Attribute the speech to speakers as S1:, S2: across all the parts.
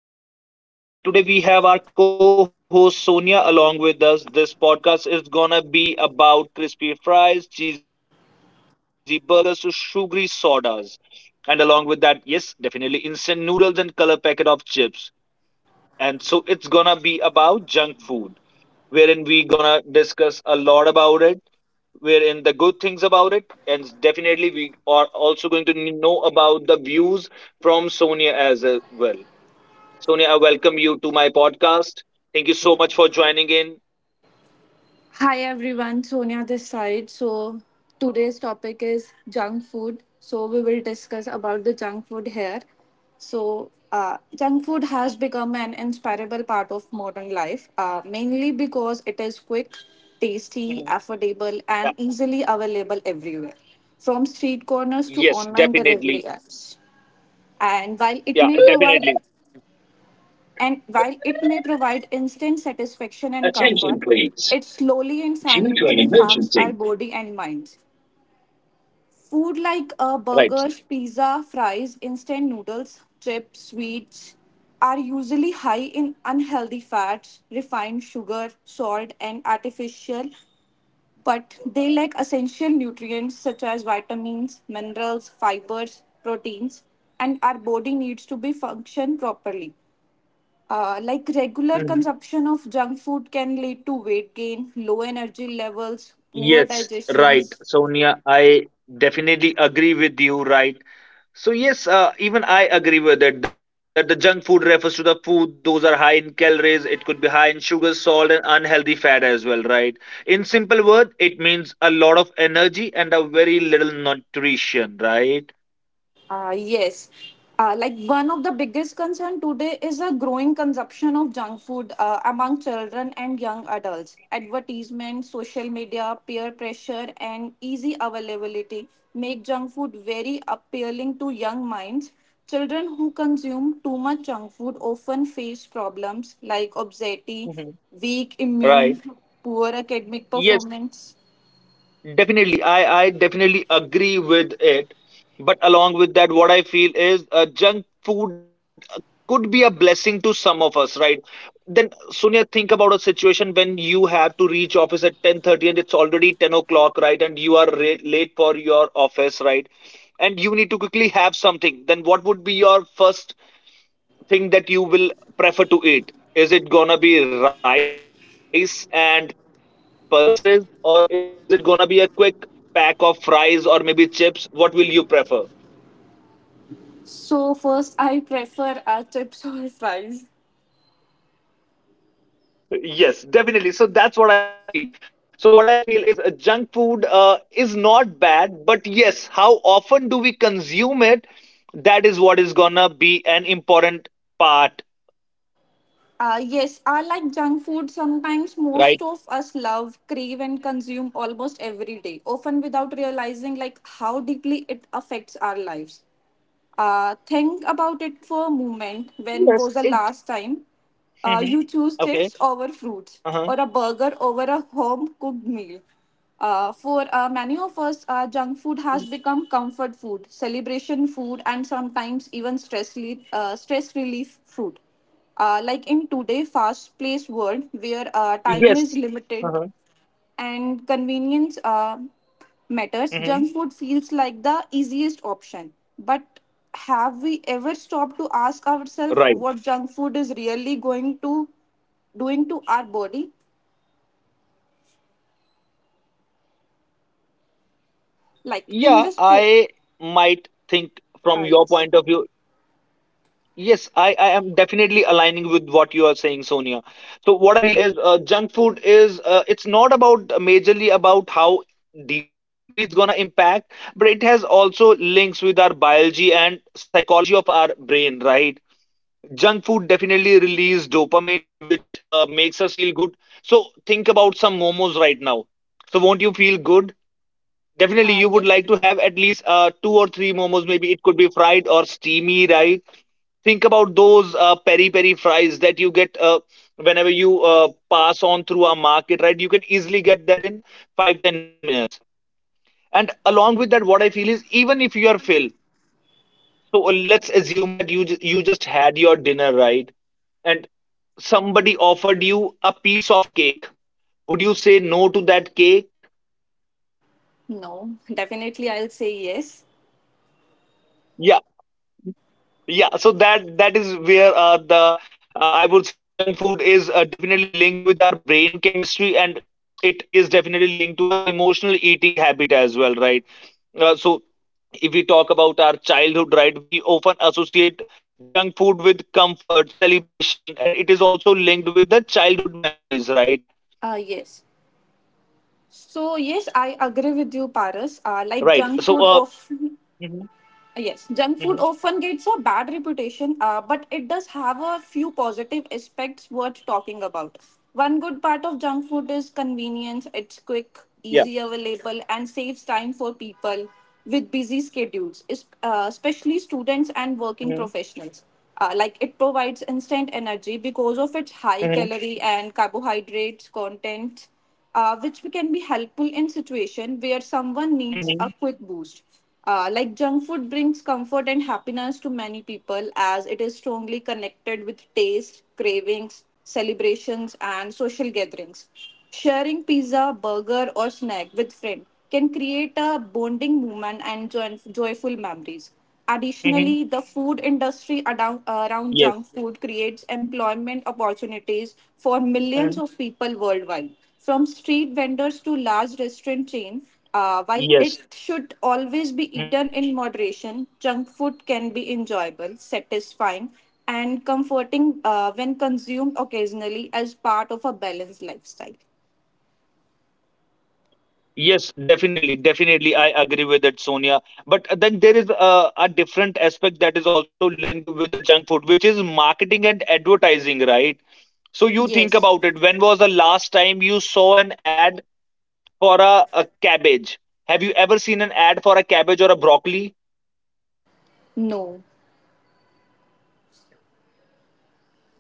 S1: podcast studio, and today we have our co-host Sonia along with us. This podcast is going to be about crispy fries, cheesy burgers to sugary sodas, and along with that, yes, definitely instant noodles and color packet of chips. And so it's going to be about junk food, wherein we going to discuss a lot about it, wherein the good things about it, and definitely we are also going to know about the views from Sonia as well. Sonia, I welcome you to my podcast. Thank you so much for joining in.
S2: Hi everyone, Sonia this side. So today's topic is junk food. So we will discuss about the junk food here. So junk food has become an inseparable part of modern life, mainly because it is quick,
S1: Mhm.
S2: tasty, affordable,
S1: Yeah.
S2: and easily available everywhere, from street corners to
S1: Yes,
S2: online
S1: definitely.
S2: delivery apps. And while it
S1: Yeah,
S2: may
S1: definitely.
S2: provide and while it may provide instant satisfaction and
S1: Attention,
S2: comfort,
S1: please.
S2: it slowly and
S1: Due to an
S2: silently harms our
S1: emergency.
S2: body and minds. Food like
S1: Right.
S2: burgers, pizza, fries, instant noodles, chips, sweets are usually high in unhealthy fats, refined sugar, salt, and artificial, but they lack essential nutrients such as vitamins, minerals, fibers, proteins, and our body needs to be function properly. Like regular
S1: Mhm.
S2: consumption of junk food can lead to weight gain, low energy levels, poor
S1: Yes. Right,
S2: digestions.
S1: Sonia, I definitely agree with you, right. So yes, even I agree with it that the junk food refers to the food those are high in calories. It could be high in sugar, salt, and unhealthy fat as well, right? In simple word, it means a lot of energy and a very little nutrition, right?
S2: Yes. Like one of the biggest concern today is a growing consumption of junk food among children and young adults. Advertisements, social media, peer pressure, and easy availability make junk food very appealing to young minds. Children who consume too much junk food often face problems like obesity,
S1: Mhm.
S2: weak immune,
S1: Right.
S2: poor academic
S1: Yes.
S2: performance.
S1: Definitely, I definitely agree with it. But along with that, what I feel is junk food could be a blessing to some of us, right? Then, Sonia, think about a situation when you have to reach office at 10:30, and it's already 10 o'clock, right? And you are late for your office, right? And you need to quickly have something. Then, what would be your first thing that you will prefer to eat? Is it gonna be rice and pulses, or is it gonna be a quick pack of fries or maybe chips? What will you prefer?
S2: So first, I prefer chips or fries.
S1: Yes, definitely. So that's what I feel. So what I feel is junk food is not bad, but yes, how often do we consume it? That is what is gonna be an important part,
S2: Yes, I like junk food. Sometimes most
S1: right?
S2: of us love, crave, and consume almost every day, often without realizing like how deeply it affects our lives. Think about it for a moment. When was
S1: Yes,
S2: the
S1: it.
S2: last time
S1: Mhm.
S2: you choose chips
S1: Okay.
S2: over fruits
S1: Uh
S2: or a
S1: huh.
S2: burger over a home cooked meal? For many of us, junk food has become comfort food, celebration food, and sometimes even stress relief food. Like in today fast-paced world where
S1: Yes.
S2: time is
S1: Uh huh.
S2: limited, and convenience
S1: Mm-hmm.
S2: matters, junk food feels like the easiest option. But have we ever stopped to ask ourselves what junk food is really going to doing to our body?
S1: Yeah,
S2: Like in
S1: I
S2: this po-
S1: might think from your
S2: ah
S1: point of view.
S2: yes,
S1: Yes, I am definitely aligning with what you are saying, Sonia. So what I feel is junk food is it's not about majorly about how deeply it's gonna impact, but it has also links with our biology and psychology of our brain, right? Junk food definitely release dopamine, which makes us feel good. So think about some momos right now. So won't you feel good? Definitely,
S2: ah
S1: you would
S2: yes,
S1: like to have at least two or three momos. Maybe it could be fried or steamy, right? Think about those peri peri fries that you get whenever you pass on through a market, right? You can easily get that in 5-10 minutes. And along with that, what I feel is even if you are filled, so let's assume that you you just had your dinner, right? And somebody offered you a piece of cake. Would you say no to that cake?
S2: no, definitely I'll say yes.
S1: Yeah, so that is where the I would say the junk food is definitely linked with our brain chemistry, and it is definitely linked to our emotional eating habit as well, right? So if we talk about our childhood, right, we often associate junk food with comfort, celebration, and it is also linked with the childhood memories, right?
S2: Ah yes. So yes, I agree with you, Paras. Like
S1: Right.
S2: junk food of
S1: Mhm.
S2: Yes, junk food
S1: Mhm.
S2: often gets a bad reputation, but it does have a few positive aspects worth talking about. One good part of junk food is convenience, it's quick,
S1: Yeah.
S2: easy available, and saves time for people with busy schedules, especially students and
S1: Mm-hmm.
S2: working professionals. Like it provides instant energy because of its high
S1: Mm-hmm.
S2: calorie and carbohydrates content which can be helpful in situation where someone
S1: Mm-hmm.
S2: needs a quick boost. Like junk food brings comfort and happiness to many people as it is strongly connected with taste, cravings, celebrations, and social gatherings. Sharing pizza, burger, or snack with friend can create a bonding moment and joyful memories. Additionally, the
S1: Mm-hmm.
S2: food industry around junk
S1: Yes.
S2: food creates employment opportunities for millions
S1: Hmm.
S2: of people worldwide, from street vendors to large restaurant chains. While
S1: Yes.
S2: it should always be eaten in moderation, junk food can be enjoyable, satisfying, and comforting when consumed occasionally as part of a balanced lifestyle.
S1: Yes, definitely, definitely, I agree with it, Sonia. But then there is a different aspect that is also linked with the junk food, which is marketing and advertising, right? So you think
S2: Yes,
S1: about it. When was the last time you saw an ad for a cabbage? Have you ever seen an ad for a cabbage or a broccoli?
S2: no.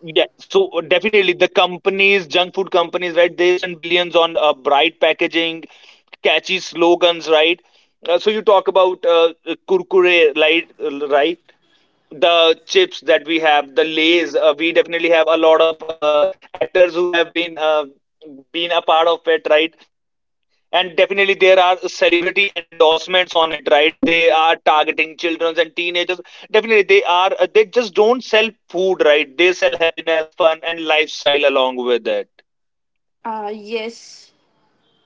S1: Yeah, so definitely the companies, junk food companies, right? They spend billions on bright packaging, catchy slogans, right? So you talk about kurkure, right? Right? The chips that we have, the Lays, we definitely have a lot of actors who have been a part of it, right. And definitely there are celebrity endorsements on it, right. They are targeting children and teenagers. Definitely they are they just don't sell food, right, they sell happiness, fun, and lifestyle along with it.
S2: Yes.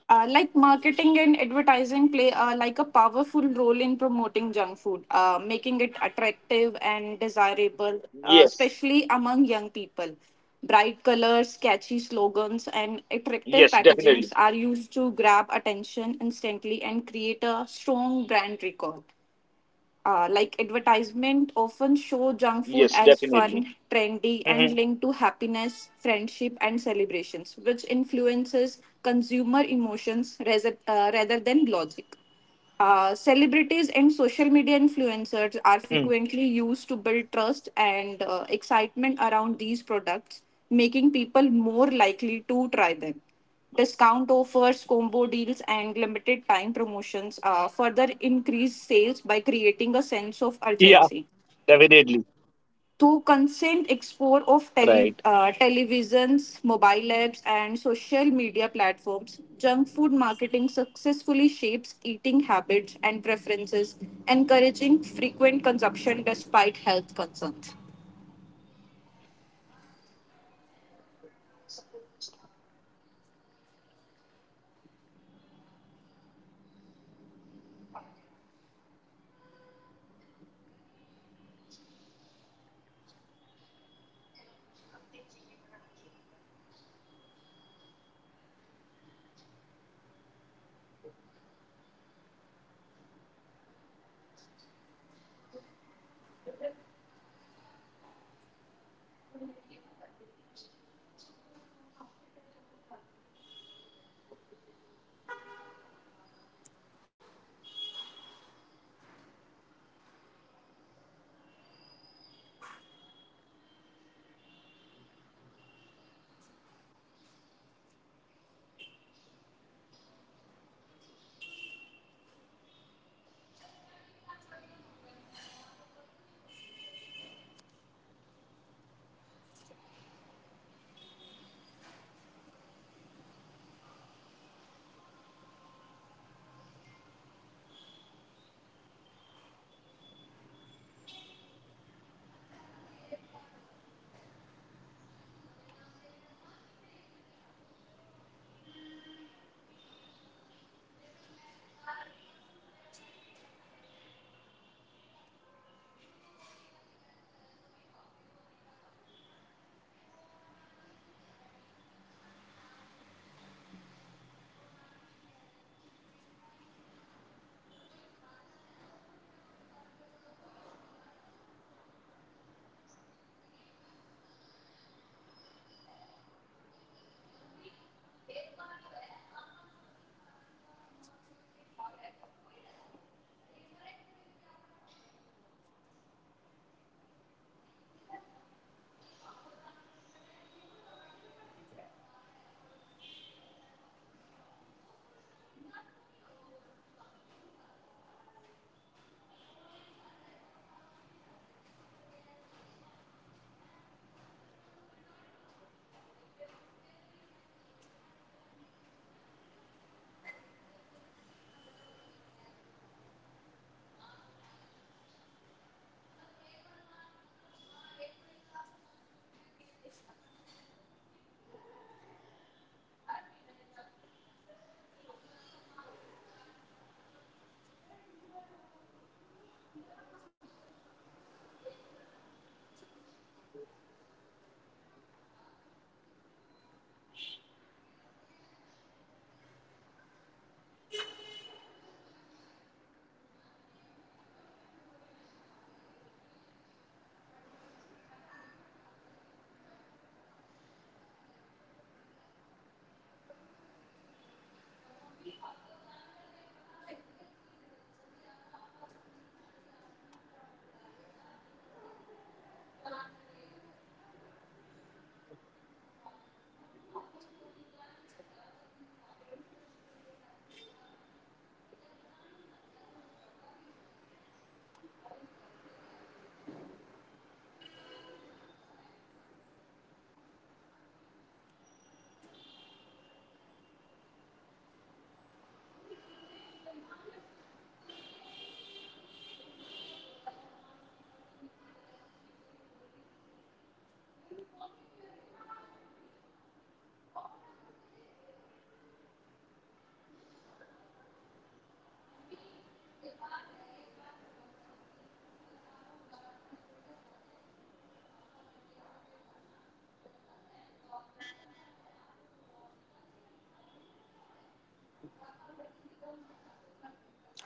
S2: Like marketing and advertising play like a powerful role in promoting junk food, making it attractive and desirable,
S1: Yes.
S2: especially among young people. Bright colors, catchy slogans, and attractive
S1: Yes,
S2: packagings
S1: definitely.
S2: are used to grab attention instantly and create a strong brand recall. Like advertisement often show junk food as
S1: Yes,
S2: fun,
S1: definitely.
S2: trendy, and linked
S1: Hmm.
S2: to happiness, friendship, and celebrations, which influences consumer emotions rather than logic. Celebrities and social media influencers are
S1: Hmm.
S2: frequently used to build trust and excitement around these products, making people more likely to try them. Discount offers, combo deals, and limited time promotions further increase sales by creating a sense of
S1: Yeah,
S2: urgency
S1: definitely.
S2: to consent explore of
S1: Right.
S2: televisions, mobile apps, and social media platforms, junk food marketing successfully shapes eating habits and preferences, encouraging frequent consumption despite health concerns.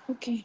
S2: Okay.